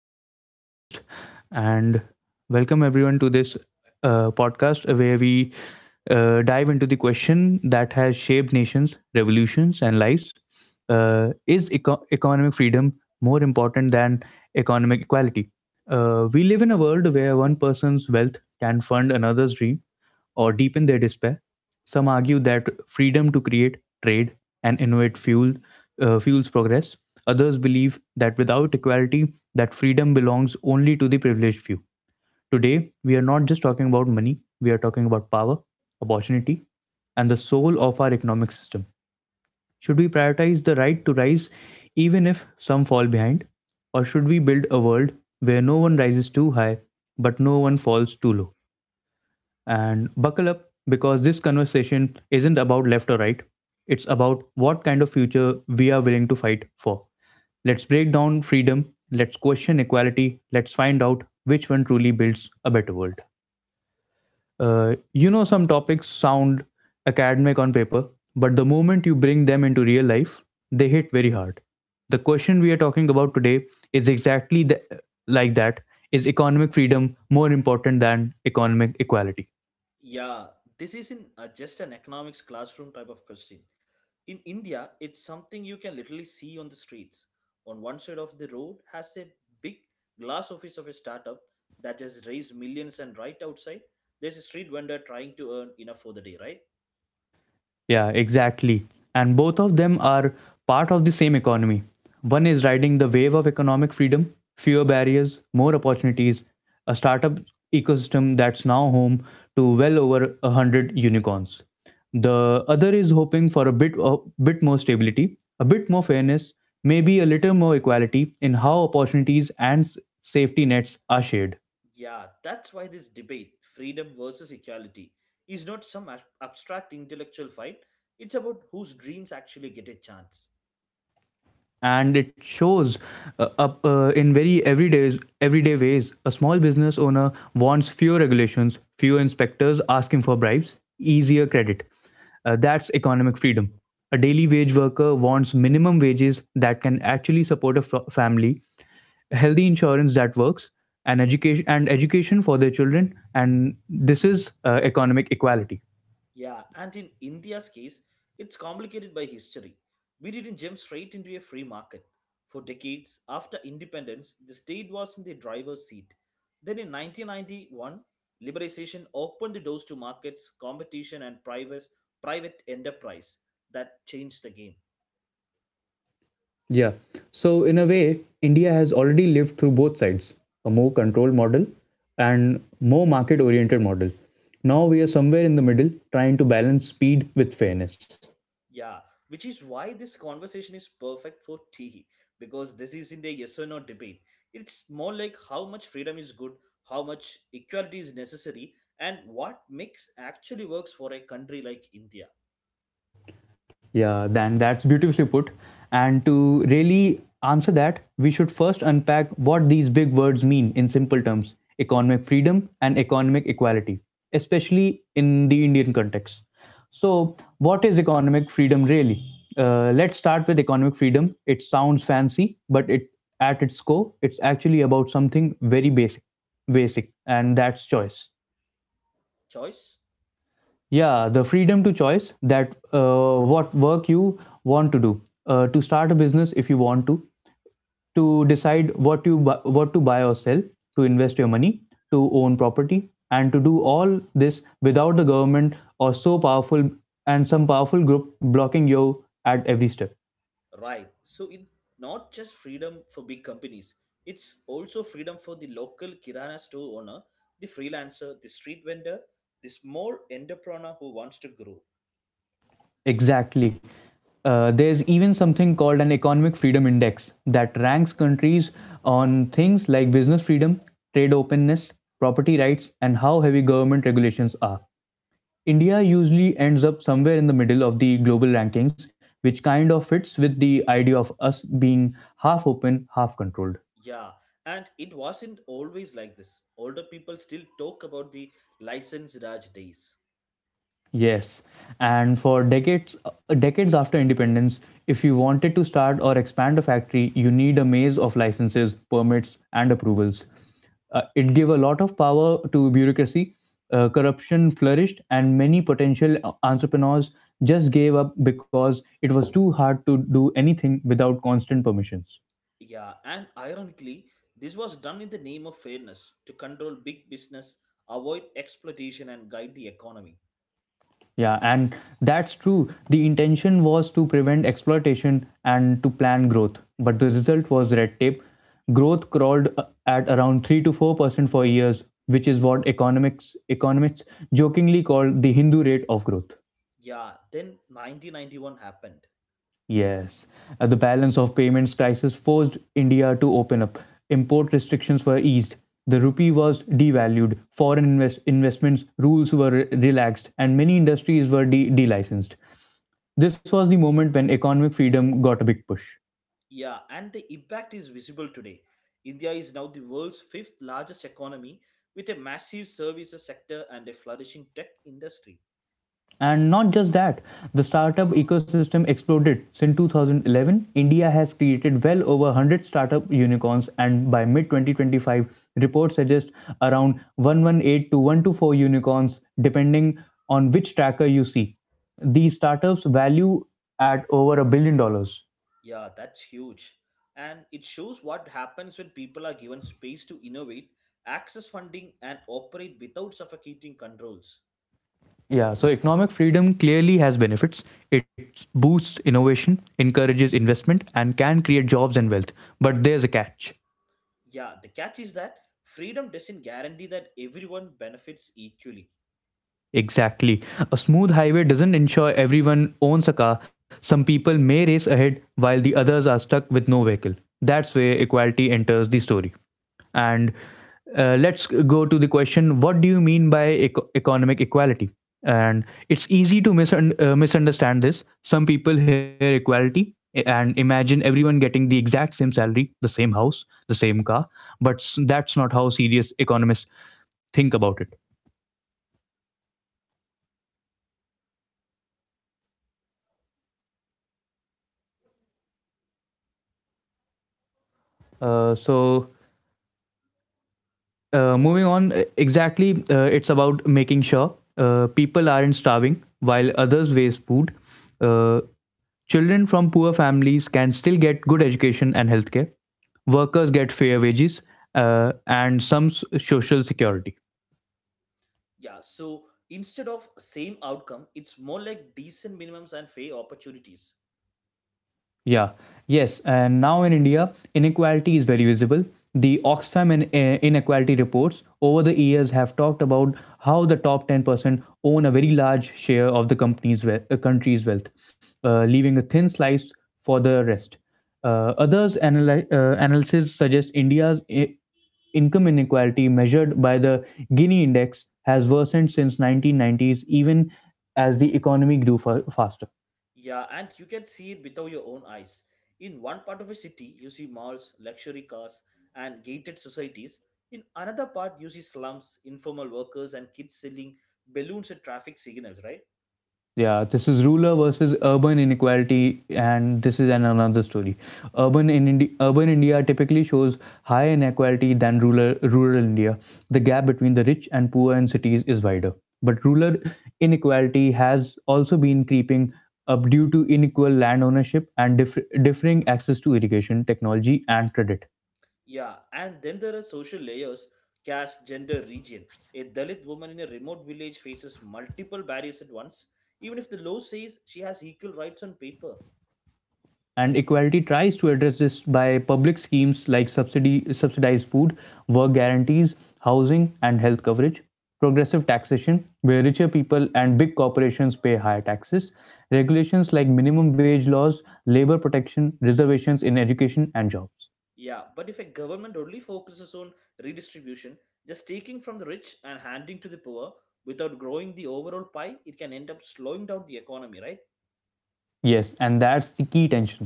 Raza as my co host. And Welcome, everyone, to this podcast where we dive into the question that has shaped nations, revolutions, and lives. Is economic freedom more important than economic equality? We live in a world where one person's wealth can fund another's dream or deepen their despair. Some argue that freedom to create, trade, and innovate fuels progress. Others believe that without equality, that freedom belongs only to the privileged few. Today, we are not just talking about money; we are talking about power, opportunity, and the soul of our economic system. Should we prioritize the right to rise, even if some fall behind, or should we build a world where no one rises too high but no one falls too low? And buckle up because this conversation isn't about left or right. It's about what kind of future we are willing to fight for. Let's break down freedom, let's question equality, let's find out which one truly builds a better world. Some topics sound academic on paper, but the moment you bring them into real life, they hit very hard. The question we are talking about today is exactly like that, is economic freedom more important than economic equality? Yeah, this isn't just an economics classroom type of question. In India, it's something you can literally see on the streets. On one side of the road has a big glass office of a startup that has raised millions, and right outside, there's a street vendor trying to earn enough for the day, right? Yeah, exactly. And both of them are part of the same economy. One is riding the wave of economic freedom, fewer barriers, more opportunities, a startup ecosystem that's now home to well over 100 unicorns. The other is hoping for a bit more stability, a bit more fairness, maybe a little more equality in how opportunities and safety nets are shared. Yeah, that's why this debate, freedom versus equality, is not some abstract intellectual fight. It's about whose dreams actually get a chance. And it shows up in very everyday ways. A small business owner wants fewer regulations, fewer inspectors asking for bribes, easier credit. That's economic freedom. A daily wage worker wants minimum wages that can actually support a family, healthy insurance that works, and education for their children, and this is economic equality. Yeah, and in India's case, it's complicated by history. We didn't jump straight into a free market. For decades after independence, the state was in the driver's seat. Then in 1991, liberalization opened the doors to markets, competition, and private enterprise that changed the game. Yeah. So, in a way, India has already lived through both sides, a more controlled model and more market oriented model. Now we are somewhere in the middle, trying to balance speed with fairness. Yeah, which is why this conversation is perfect for tea because this isn't a yes or no debate. It's more like how much freedom is good, how much equality is necessary, and what mix actually works for a country like India. Yeah, then that's beautifully put. And to really answer that, we should first unpack what these big words mean in simple terms, economic freedom and economic equality, especially in the Indian context. So, what is economic freedom really? Let's start with economic freedom. It sounds fancy, but it at its core, it's actually about something very basic, and that's choice. Choice? Yeah, the freedom to choice that what work you want to do, to start a business if you want to decide what what to buy or sell, to invest your money, to own property, and to do all this without the government or so powerful and some powerful group blocking you at every step. Right. So it's not just freedom for big companies, it's also freedom for the local Kirana store owner, the freelancer, the street vendor, the small entrepreneur who wants to grow. Exactly. There's even something called an Economic Freedom Index that ranks countries on things like business freedom, trade openness, property rights, and how heavy government regulations are. India usually ends up somewhere in the middle of the global rankings, which kind of fits with the idea of us being half open, half controlled. Yeah, and it wasn't always like this. Older people still talk about the license Raj days. Yes, and for decades after independence, if you wanted to start or expand a factory, you need a maze of licenses, permits, and approvals. It gave a lot of power to bureaucracy. Corruption flourished, and many potential entrepreneurs just gave up because it was too hard to do anything without constant permissions. Yeah, and ironically, this was done in the name of fairness to control big business, avoid exploitation, and guide the economy. Yeah, and that's true. The intention was to prevent exploitation and to plan growth, but the result was red tape. Growth crawled at around 3 to 4% for years, which is what economics economists jokingly call the Hindu rate of growth. Yeah, then 1991 happened. Yes. The balance of payments crisis forced India to open up. Import restrictions were eased. The rupee was devalued. Foreign investments rules were relaxed, and many industries were delicensed. This was the moment when economic freedom got a big push. Yeah, and the impact is visible today. India is now the world's fifth largest economy with a massive services sector and a flourishing tech industry. And not just that, the startup ecosystem exploded. Since 2011, India has created well over 100 startup unicorns, and by mid 2025, reports suggest around 118 to 124 unicorns, depending on which tracker you see. These startups value at over $1 billion. Yeah, that's huge. And it shows what happens when people are given space to innovate, access funding, and operate without suffocating controls. Yeah, so economic freedom clearly has benefits. It boosts innovation, encourages investment, and can create jobs and wealth. But there's a catch. Yeah, the catch is that freedom doesn't guarantee that everyone benefits equally. Exactly. A smooth highway doesn't ensure everyone owns a car. Some people may race ahead while the others are stuck with no vehicle. That's where equality enters the story. And let's go to the question, what do you mean by economic equality? And it's easy to misunderstand this. Some people hear equality and imagine everyone getting the exact same salary, the same house, the same car, but that's not how serious economists think about it. Uh, so exactly, it's about making sure people aren't starving while others waste food. Uh, children from poor families can still get good education and healthcare. Workers get fair wages and some social security. Yeah, so instead of same outcome, it's more like decent minimums and fair opportunities. Yeah, yes. And now in India, inequality is very visible. The Oxfam inequality reports over the years have talked about how the top 10% own a very large share of the country's wealth, leaving a thin slice for the rest. Others analysis suggest India's income inequality measured by the Gini index has worsened since 1990s even as the economy grew faster. Yeah, and you can see it without your own eyes. In one part of a city, you see malls, luxury cars, and gated societies. In another part, you see slums, informal workers, and kids selling balloons at traffic signals, right? Yeah, this is rural versus urban inequality, and this is an another story. Urban India typically shows higher inequality than rural India. The gap between the rich and poor in cities is wider, but rural inequality has also been creeping up due to unequal land ownership and differing access to irrigation, technology, and credit. Yeah, and then there are social layers caste, gender, region. A Dalit woman in a remote village faces multiple barriers at once, even if the law says she has equal rights on paper. And equality tries to address this by public schemes like subsidy subsidized food, work guarantees, housing and health coverage, progressive taxation where richer people and big corporations pay higher taxes, regulations like minimum wage laws, labor protection, reservations in education and jobs. Yeah, but if a government only focuses on redistribution, just taking from the rich and handing to the poor without growing the overall pie, it can end up slowing down the economy, right? Yes, and that's the key tension.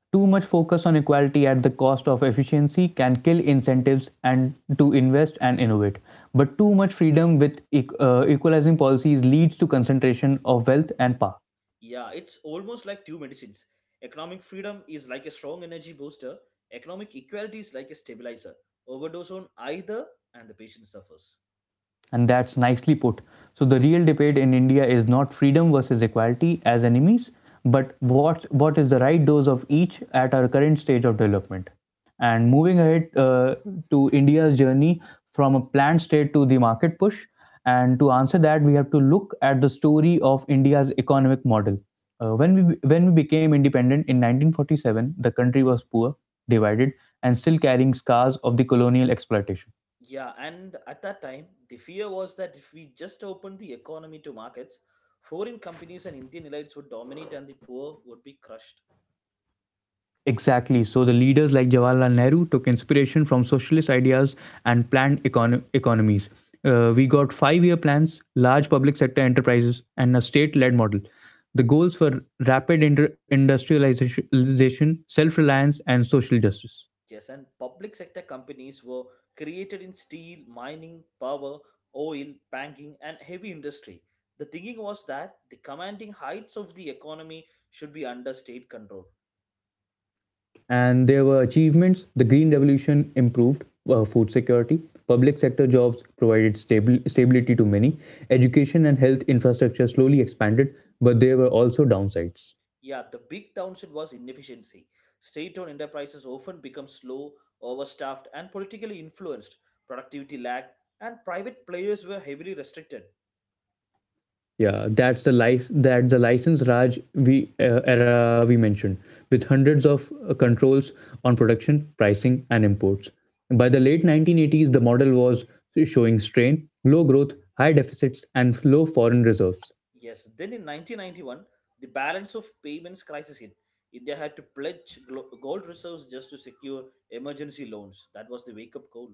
Too much focus on equality at the cost of efficiency can kill incentives and to invest and innovate. But too much freedom with equalizing policies leads to concentration of wealth and power. Yeah, it's almost like two medicines. Economic freedom is like a strong energy booster, economic equality is like a stabilizer. Overdose on either, and the patient suffers. And that's nicely put. So the real debate in India is not freedom versus equality as enemies, but what is the right dose of each at our current stage of development. And moving ahead to India's journey from a planned state to the market push, and to answer that, we have to look at the story of India's economic model. When we became independent in 1947, the country was poor, divided, and still carrying scars of the colonial exploitation. Yeah, and at that time, the fear was that if we just opened the economy to markets, foreign companies and Indian elites would dominate and the poor would be crushed. Exactly. So the leaders like Jawaharlal Nehru took inspiration from socialist ideas and planned economies. We got 5 year plans, large public sector enterprises, and a state led model. The goals were rapid industrialization, self reliance, and social justice. Yes, and public sector companies were created in steel, mining, power, oil, banking, and heavy industry. The thinking was that the commanding heights of the economy should be under state control. And there were achievements. The Green Revolution improved food security. Public sector jobs provided stability to many. Education and health infrastructure slowly expanded, but there were also downsides. Yeah, the big downside was inefficiency. State owned enterprises often become slow, overstaffed, and politically influenced. Productivity lagged, and private players were heavily restricted. Yeah, that's the life that the license Raj we era we mentioned, with hundreds of controls on production, pricing, and imports. By the late 1980s, the model was showing strain, low growth, high deficits, and low foreign reserves. Yes, then in 1991, the balance of payments crisis hit. India had to pledge gold reserves just to secure emergency loans. That was the wake up call.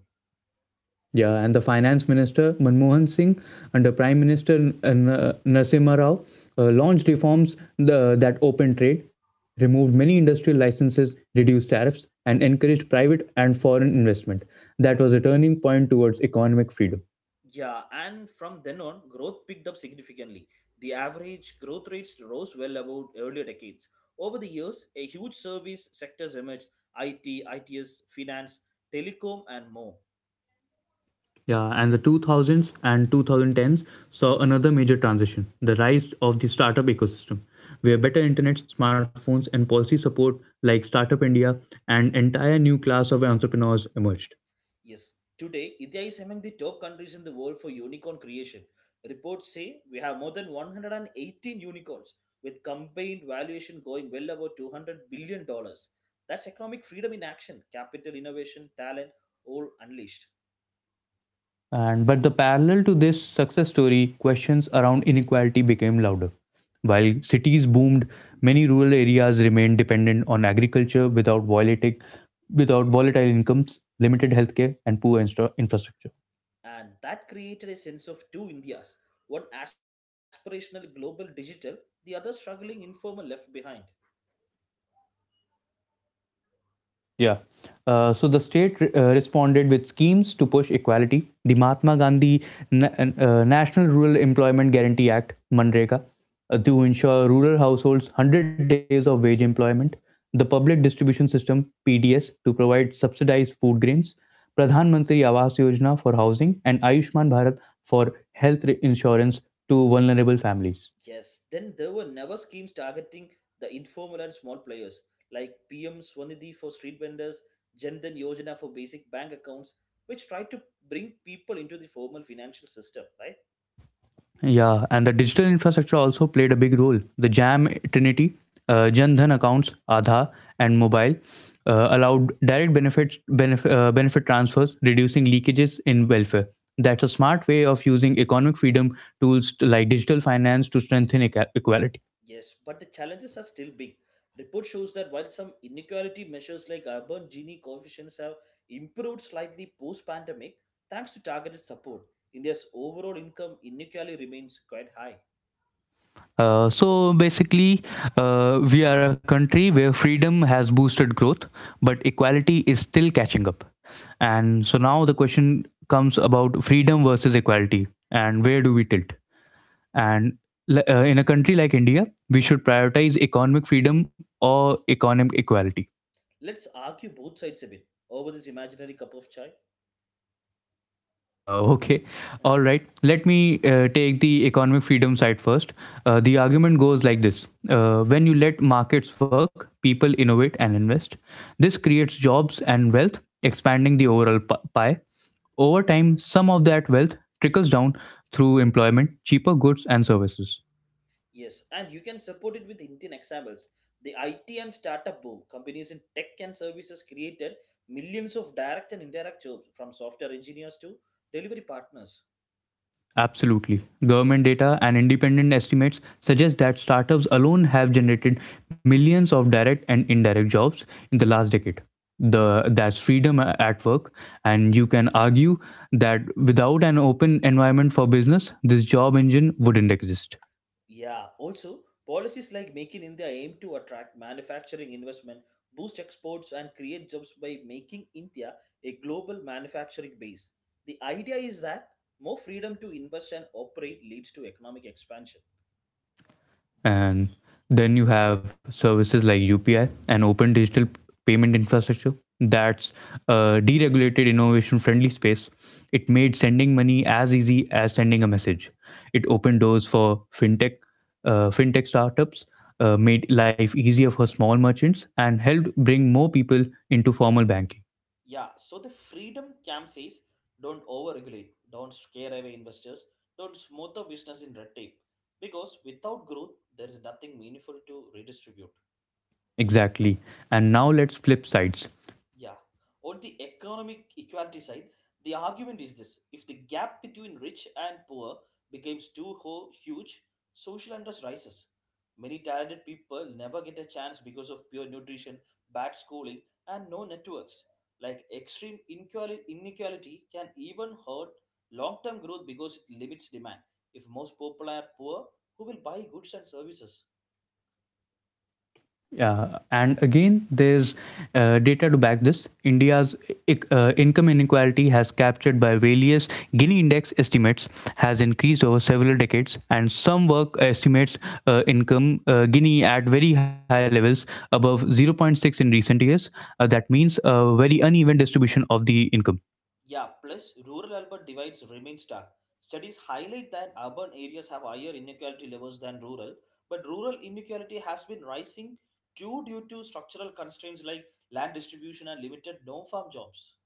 Yeah, and the finance minister Manmohan Singh under Prime Minister Narasimha Rao launched reforms that opened trade, removed many industrial licenses, reduced tariffs, and encouraged private and foreign investment. That was a turning point towards economic freedom. Yeah, and from then on, growth picked up significantly. The average growth rates rose well above earlier decades. Over the years, a huge service sectors emerged IT, ITS, finance, telecom, and more. Yeah, and the 2000s and 2010s saw another major transition, the rise of the startup ecosystem, where better internet, smartphones, and policy support like Startup India and entire new class of entrepreneurs emerged. Yes, today India is among the top countries in the world for unicorn creation. Reports say we have more than 118 unicorns with combined valuation going well above 200 dollars. That's economic freedom in action, capital innovation, talent all unleashed. And but the parallel to this success story, questions around inequality became louder. While cities boomed, many rural areas remained dependent on agriculture without volatile incomes, limited healthcare, and poor infrastructure. And that created a sense of two Indias, one aspirational global digital, the other struggling informal left behind. Yeah. So the state responded with schemes to push equality. The Mahatma Gandhi National Rural Employment Guarantee Act, MNREGA, to ensure rural households 100 days of wage employment. The Public Distribution System, PDS, to provide subsidized food grains. Pradhan Mantri Awas Yojana for housing and Ayushman Bharat for health insurance to vulnerable families. Yes, then there were never schemes targeting the informal and small players like PM Swanidhi for street vendors, Jandan Yojana for basic bank accounts, which try to bring people into the formal financial system, right? Yeah, and the digital infrastructure also played a big role. The Jam Trinity, Jan Dhan accounts, Aadhaar, and mobile allowed direct benefit transfers, reducing leakages in welfare. That's a smart way of using economic freedom tools like digital finance to strengthen equality. Yes, but the challenges are still big. Report shows that while some inequality measures like urban Gini coefficients have improved slightly post-pandemic, thanks to targeted support, India's overall income inequality remains quite high. So basically, we are a country where freedom has boosted growth, but equality is still catching up. And so now the question comes about freedom versus equality and where do we tilt? And in a country like India, we should prioritize economic freedom or economic equality. Let's argue both sides a bit over this imaginary cup of chai. Okay, all right. Let me take the economic freedom side first. The argument goes like this. When you let markets work, people innovate and invest. This creates jobs and wealth, expanding the overall pie. Over time, some of that wealth trickles down through employment, cheaper goods, and services. Yes, and you can support it with Indian examples. The IT and startup boom, companies in tech and services created millions of direct and indirect jobs from software engineers to delivery partners. Absolutely. Government data and independent estimates suggest that startups alone have generated millions of direct and indirect jobs in the last decade. The that's freedom at work, and you can argue that without an open environment for business, this job engine wouldn't exist. Yeah, also, policies like Make in India aim to attract manufacturing investment, boost exports, and create jobs by making India a global manufacturing base. The idea is that more freedom to invest and operate leads to economic expansion. And then you have services like UPI and open digital payment infrastructure. That's a deregulated, innovation friendly space. It made sending money as easy as sending a message. It opened doors for fintech, fintech startups, made life easier for small merchants, and helped bring more people into formal banking. Yeah, so the freedom camp says don't overregulate, don't scare away investors, don't smother business in red tape. Because without growth, there is nothing meaningful to redistribute. Exactly. And now let's flip sides. Yeah. On the economic equality side, the argument is this: if the gap between rich and poor becomes too huge, social unrest rises. Many talented people never get a chance because of poor nutrition, bad schooling, and no networks. Like extreme inequality can even hurt long term growth because it limits demand. If most people are poor, who will buy goods and services? Yeah, and again, there's data to back this. India's income inequality, has captured by various Gini index estimates, has increased over several decades, and some work estimates income Gini at very high levels, above zero point 0.6 in recent years. That means a very uneven distribution of the income. Yeah, plus rural urban divides remain stark. Studies highlight that urban areas have higher inequality levels than rural, but rural inequality has been rising too due to structural constraints like land distribution and limited no farm jobs.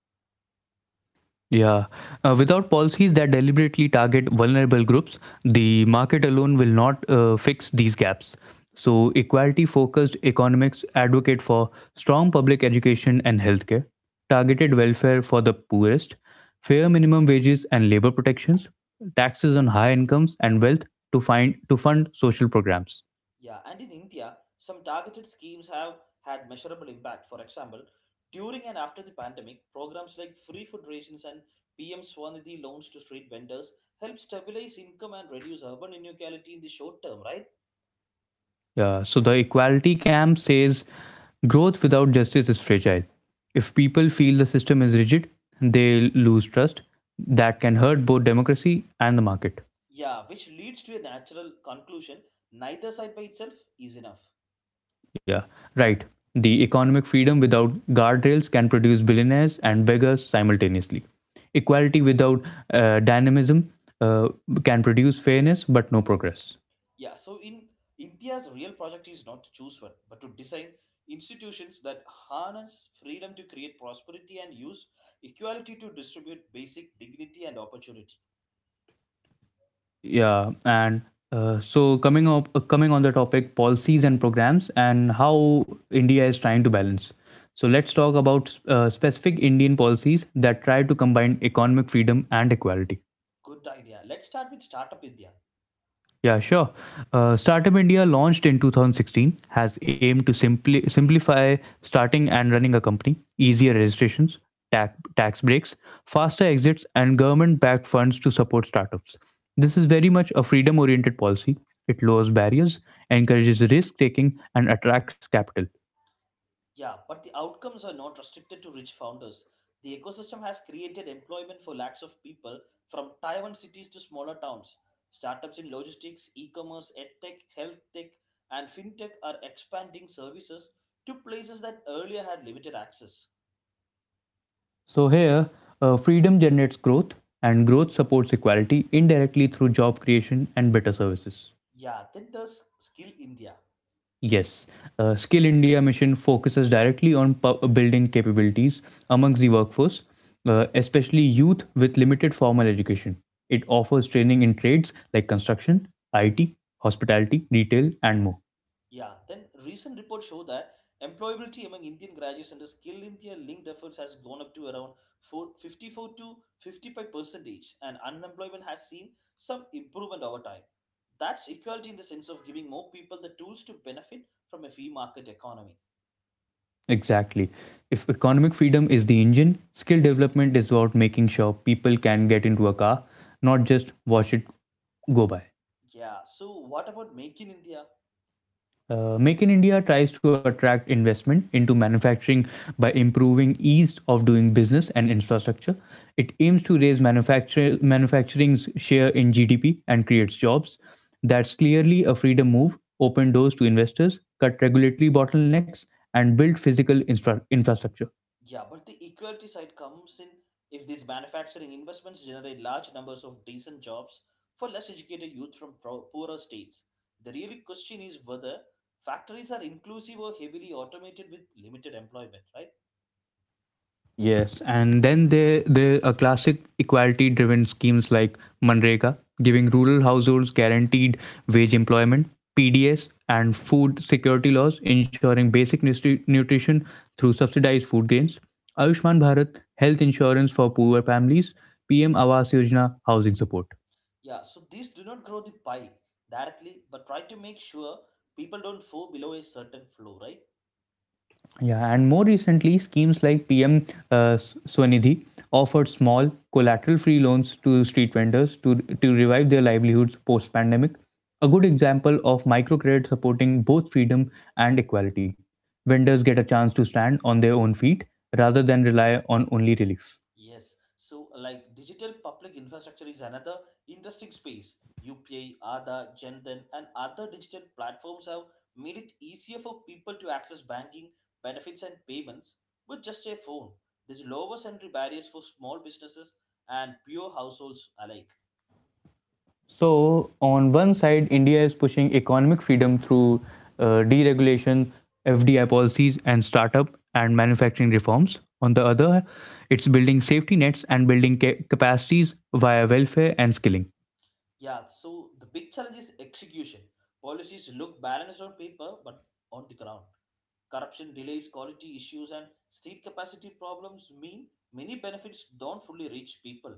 Yeah. Without policies that deliberately target vulnerable groups, the market alone will not fix these gaps. So, equality focused economics advocate for strong public education and healthcare, targeted welfare for the poorest, fair minimum wages and labor protections, taxes on high incomes and wealth to fund social programs. Yeah, and in India, some targeted schemes have had measurable impact. For example, during and after the pandemic, programs like free food rations and PM Swanidhi loans to street vendors help stabilize income and reduce urban inequality in the short term, right? So the equality camp says growth without justice is fragile. If people feel the system is rigid, they lose trust. That can hurt both democracy and the market. Yeah, which leads to a natural conclusion: neither side by itself is enough. Yeah, right. The economic freedom without guardrails can produce billionaires and beggars simultaneously. Equality without dynamism uh, can produce fairness but no progress. Yeah, so in India's real project is not to choose one, but to design institutions that harness freedom to create prosperity and use equality to distribute basic dignity and opportunity. Yeah, and coming on the topic policies and programs and how India is trying to balance. So let's talk about specific Indian policies that try to combine economic freedom and equality. Good idea. Let's start with Startup India. Yeah, sure. Startup India, launched in 2016, has aimed to simply simplify starting and running a company, easier registrations, tax breaks, faster exits, and government-backed funds to support startups. This is very much a freedom-oriented policy. It lowers barriers, encourages risk-taking, and attracts capital. Yeah, but the outcomes are not restricted to rich founders. The ecosystem has created employment for lakhs of people from Taiwan cities to smaller towns. Startups in logistics, e commerce, edtech, health tech, and fintech are expanding services to places that earlier had limited access. So here, freedom generates growth, and growth supports equality indirectly through job creation and better services. Yeah, then there's Skill India. Yes, Skill India mission focuses directly on building capabilities amongst the workforce, especially youth with limited formal education. It offers training in trades like construction, IT, hospitality, retail, and more. Yeah, then recent reports show that employability among Indian graduates under Skill India linked efforts has gone up to around 454 to 55 percentage, and unemployment has seen some improvement over time. That's equality in the sense of giving more people the tools to benefit from a free market economy. Exactly. If economic freedom is the engine, skill development is about making sure people can get into a car, not just watch it go by. Yeah, so what about Make in India? Make in India tries to attract investment into manufacturing by improving ease of doing business and infrastructure. It aims to raise manufacturing's share in GDP and creates jobs. That's clearly a freedom move, open doors to investors, cut regulatory bottlenecks, and build physical infrastructure. Yeah, but the equality side comes in if these manufacturing investments generate large numbers of decent jobs for less educated youth from poorer states. The real question is whether factories are inclusive or heavily automated with limited employment, right? Yes, and then there are classic equality-driven schemes like Manreka, giving rural households guaranteed wage employment, PDS, and food security laws ensuring basic nutrition through subsidized food grains, Ayushman Bharat, health insurance for poor families, PM Awas Yojana, housing support. Yeah, so these do not grow the pie directly, but try to make sure people don't fall below a certain flow, right? Yeah, and more recently, schemes like PM Swanidhi offered small collateral-free loans to street vendors to revive their livelihoods post-pandemic. A good example of microcredit supporting both freedom and equality. Vendors get a chance to stand on their own feet rather than rely on only relief. Yes, so like digital public infrastructure is another interesting space. UPI, Aadhaar, Jandan, and other digital platforms have made it easier for people to access banking, benefits, and payments with just a phone. This lowers entry barriers for small businesses and pure households alike. So, on one side, India is pushing economic freedom through deregulation, FDI policies, and startup and manufacturing reforms. On the other, it's building safety nets and building capacities via welfare and skilling. Yeah, so the big challenge is execution. Policies look balanced on paper, but on the ground. Corruption delays, quality issues, and state capacity problems mean many benefits don't fully reach people.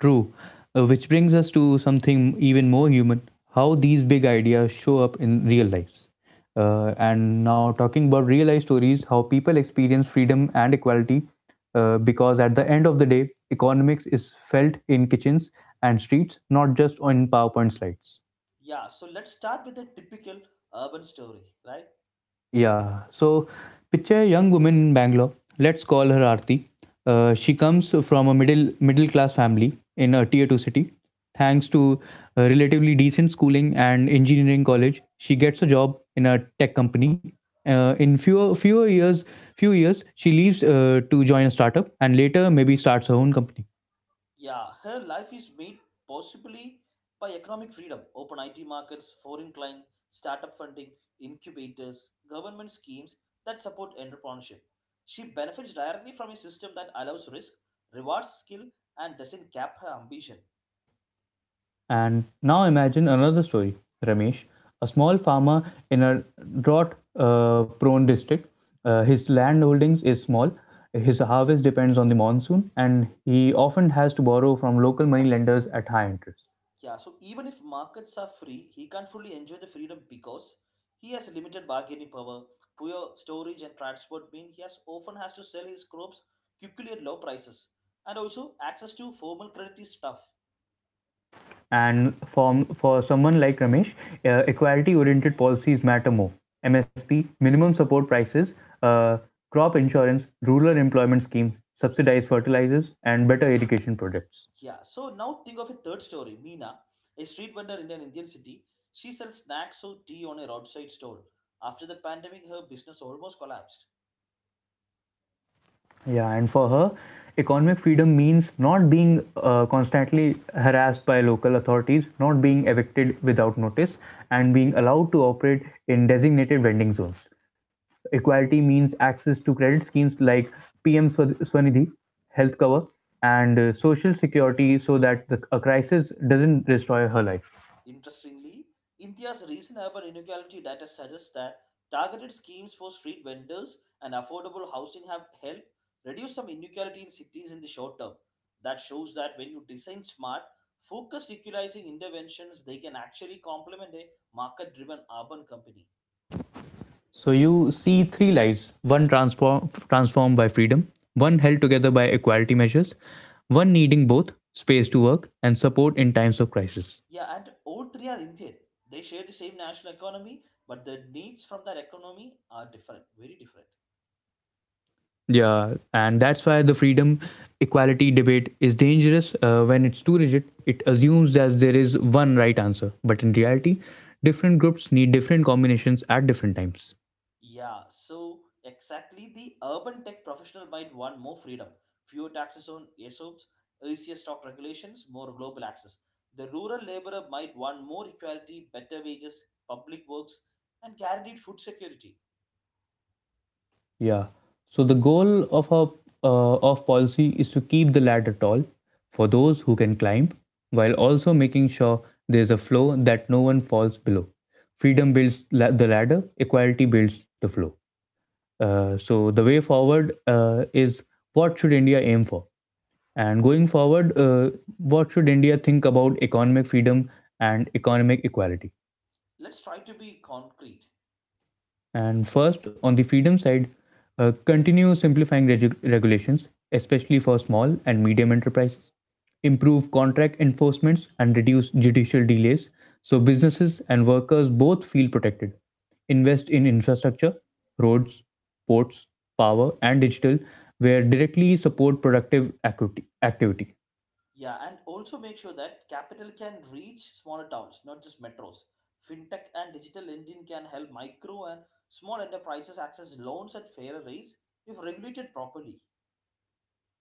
True. Which brings us to something even more human, how these big ideas show up in real lives. And now, talking about real life stories, how people experience freedom and equality, because at the end of the day, economics is felt in kitchens and streets, not just on PowerPoint slides. Yeah, so let's start with a typical urban story, right? Yeah. So picture a young woman in Bangalore. Let's call her Aarti. She comes from a middle class family in a tier two city. Thanks to relatively decent schooling and engineering college, she gets a job in a tech company. In few years, she leaves to join a startup and later maybe starts her own company. Yeah, her life is made possibly by economic freedom, open IT markets, foreign client, startup funding, incubators, government schemes that support entrepreneurship. She benefits directly from a system that allows risk, rewards skill, and doesn't cap her ambition. And now imagine another story, Ramesh. A small farmer in a drought prone district. His land holdings is small, his harvest depends on the monsoon, and he often has to borrow from local money lenders at high interest. Yeah, so even if markets are free, he can't fully enjoy the freedom because he has limited bargaining power, poor storage and transport mean he has often has to sell his crops quickly at low prices. And also access to formal credit is tough. And for someone like Ramesh, equality oriented policies matter more. MSP, minimum support prices, uh, crop insurance, rural employment schemes, subsidized fertilizers, and better education projects. Yeah, so now think of a third story. Meena, a street vendor in an Indian city, she sells snacks or tea on a roadside stall. After the pandemic, her business almost collapsed. Yeah, and for her, economic freedom means not being constantly harassed by local authorities, not being evicted without notice, and being allowed to operate in designated vending zones. Equality means access to credit schemes like PM Swanidhi, health cover, and social security so that a crisis doesn't destroy her life. Interestingly, India's recent urban inequality data suggests that targeted schemes for street vendors and affordable housing have helped reduce some inequality in cities in the short term. That shows that when you design smart, focused equalizing interventions, they can actually complement a market driven urban company. So you see three lives: one transformed by freedom, one held together by equality measures, one needing both space to work and support in times of crisis. Yeah, and all three are Indian. They share the same national economy, but the needs from that economy are different, very different. Yeah, and that's why the freedom equality debate is dangerous when it's too rigid. It assumes that there is one right answer, but in reality, different groups need different combinations at different times. Yeah, so exactly the urban tech professional might want more freedom, fewer taxes on ESOPs, easier stock regulations, more global access. The rural laborer might want more equality, better wages, public works, and guaranteed food security. Yeah. So the goal of a of policy is to keep the ladder tall for those who can climb, while also making sure there's a floor that no one falls below. Freedom builds the ladder, equality builds the floor. So the way forward is, what should India aim for, and going forward, what should India think about economic freedom and economic equality? Let's try to be concrete. And first, on the freedom side, continue simplifying regulations, especially for small and medium enterprises. Improve contract enforcements and reduce judicial delays so businesses and workers both feel protected. Invest in infrastructure, roads, ports, power, and digital, where directly support productive activity. Yeah, and also make sure that capital can reach smaller towns, not just metros. Fintech and digital lending can help micro and small enterprises access loans at fairer rates if regulated properly.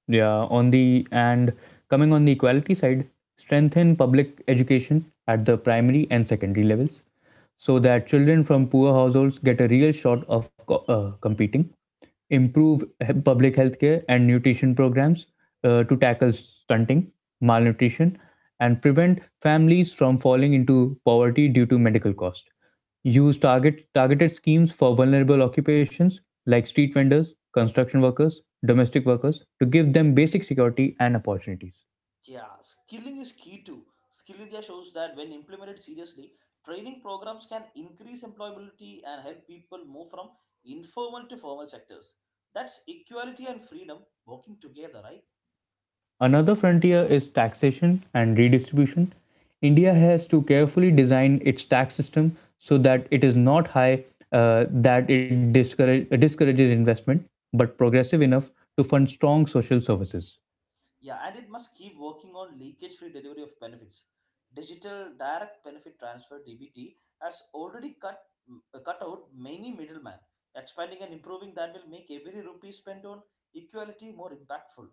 Yeah, on the and coming on the equality side, strengthen public education at the primary and secondary levels so that children from poor households get a real shot of competing. Improve public healthcare and nutrition programs to tackle stunting, malnutrition, and prevent families from falling into poverty due to medical cost. Use targeted schemes for vulnerable occupations like street vendors, construction workers, domestic workers to give them basic security and opportunities. Yeah, skilling is key too. Skill India shows that when implemented seriously, training programs can increase employability and help people move from informal to formal sectors. That's equality and freedom working together, right? Another frontier is taxation and redistribution. India has to carefully design its tax system so that it is not high, that it discourages investment, but progressive enough to fund strong social services. Yeah, and it must keep working on leakage free delivery of benefits. Digital Direct Benefit Transfer DBT has already cut out many middlemen. Expanding and improving that will make every rupee spent on equality more impactful.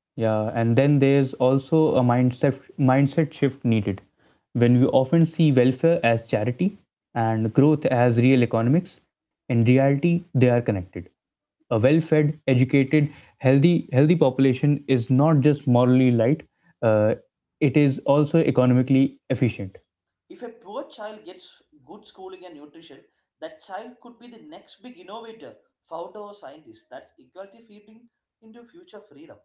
Yeah, and then there's also a mindset shift needed. When we often see welfare as charity and growth as real economics, in reality they are connected. A well-fed, educated, healthy population is not just morally light; uh, it is also economically efficient. If a poor child gets good schooling and nutrition, that child could be the next big innovator, founder, or scientist. That's equality feeding into future freedom.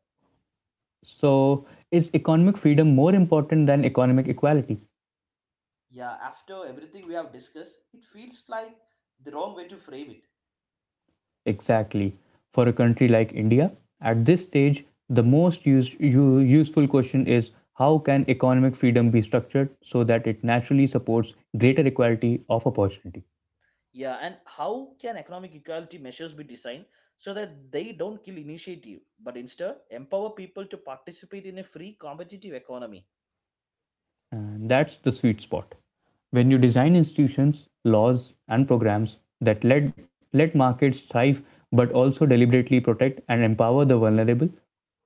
So, is economic freedom more important than economic equality? Yeah, after everything we have discussed, it feels like the wrong way to frame it. Exactly. For a country like India, at this stage, the most useful question is, how can economic freedom be structured so that it naturally supports greater equality of opportunity? Yeah, and how can economic equality measures be designed so that they don't kill initiative, but instead empower people to participate in a free competitive economy? And that's the sweet spot. When you design institutions, laws, and programs that let markets thrive but also deliberately protect and empower the vulnerable,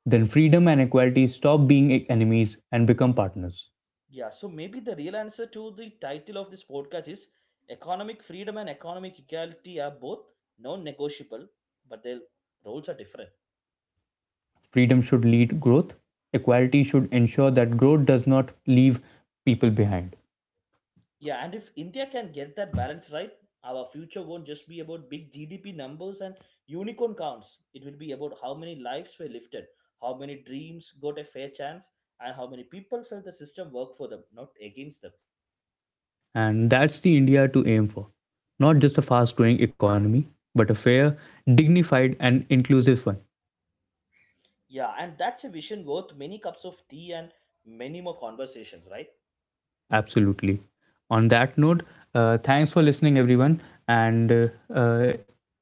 then freedom and equality stop being enemies and become partners. Yeah, so maybe the real answer to the title of this podcast is economic freedom and economic equality are both non negotiable, but their roles are different. Freedom should lead growth. Equality should ensure that growth does not leave people behind. Yeah, and if India can get that balance right, our future won't just be about big GDP numbers and unicorn counts. It will be about how many lives were lifted, how many dreams got a fair chance, and how many people felt the system worked for them, not against them. And that's the India to aim for. Not just a fast growing economy, but a fair, dignified, and inclusive one. Yeah, and that's a vision worth many cups of tea and many more conversations, right? Absolutely. On that note, thanks for listening, everyone. And uh,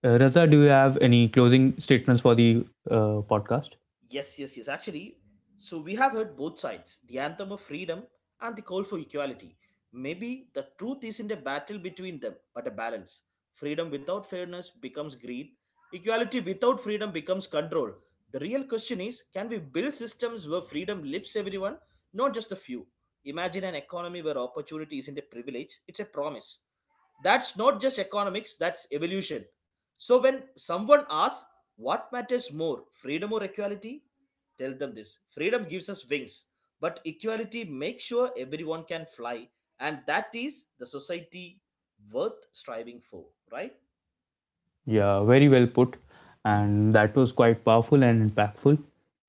Raza, do you have any closing statements for the podcast? Yes, yes, yes. Actually, so we have heard both sides the anthem of freedom and the call for equality. Maybe the truth isn't a battle between them, but a balance. Freedom without fairness becomes greed, equality without freedom becomes control. The real question is can we build systems where freedom lifts everyone, not just a few? Imagine an economy where opportunity isn't a privilege, it's a promise. That's not just economics, that's evolution. So when someone asks, what matters more, freedom or equality? Tell them this: freedom gives us wings, but equality makes sure everyone can fly, and that is the society worth striving for, right? Yeah, very well put. And that was quite powerful and impactful.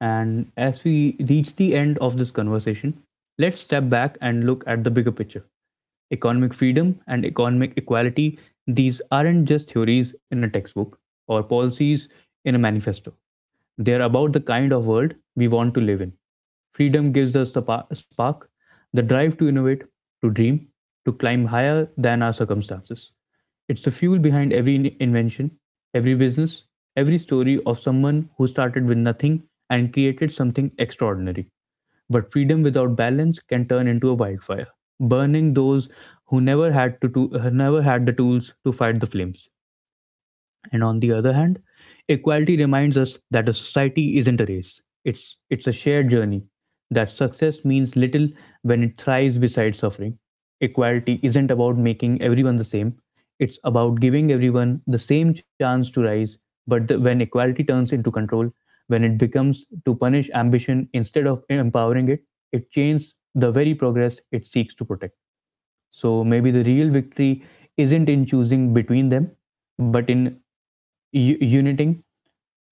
And as we reach the end of this conversation, let's step back and look at the bigger picture. Economic freedom and economic equality, these aren't just theories in a textbook or policies in a manifesto. They are about the kind of world we want to live in. Freedom gives us the spark, the drive to innovate, to dream, to climb higher than our circumstances. It's the fuel behind every invention, every business, every story of someone who started with nothing and created something extraordinary. But freedom without balance can turn into a wildfire, burning those who never had never had the tools to fight the flames. And on the other hand, equality reminds us that a society isn't a race. It's a shared journey. That success means little when it thrives beside suffering. Equality isn't about making everyone the same. It's about giving everyone the same chance to rise. But when equality turns into control, when it becomes to punish ambition instead of empowering it, it chains the very progress it seeks to protect. So maybe the real victory isn't in choosing between them, but in uniting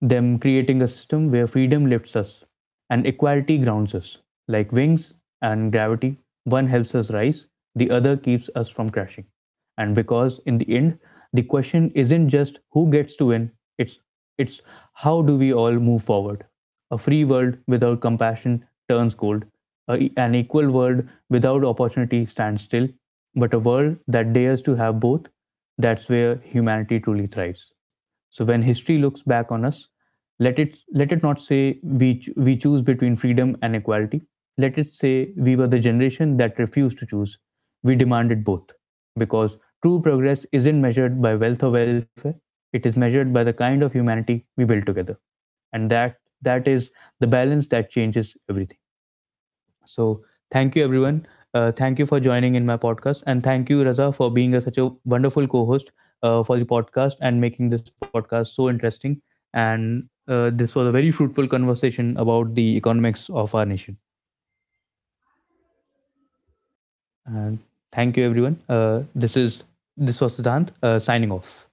them, creating a system where freedom lifts us and equality grounds us. Like wings and gravity, one helps us rise, the other keeps us from crashing. And because, in the end, the question isn't just who gets to win, it's it's how do we all move forward? A free world without compassion turns cold. An equal world without opportunity stands still, but a world that dares to have both, that's where humanity truly thrives. So when history looks back on us, let it not say we we choose between freedom and equality. Let it say we were the generation that refused to choose. We demanded both, because true progress isn't measured by wealth or welfare. It is measured by the kind of humanity we build together. And that is the balance that changes everything. So thank you, everyone. Thank you for joining in my podcast, and thank you, Raza, for being such a wonderful co-host for the podcast and Yes, making yes, this thank you podcast so so much. interesting. And this was a very fruitful conversation about the economics of our nation. And thank you, everyone. This was Siddhant signing off.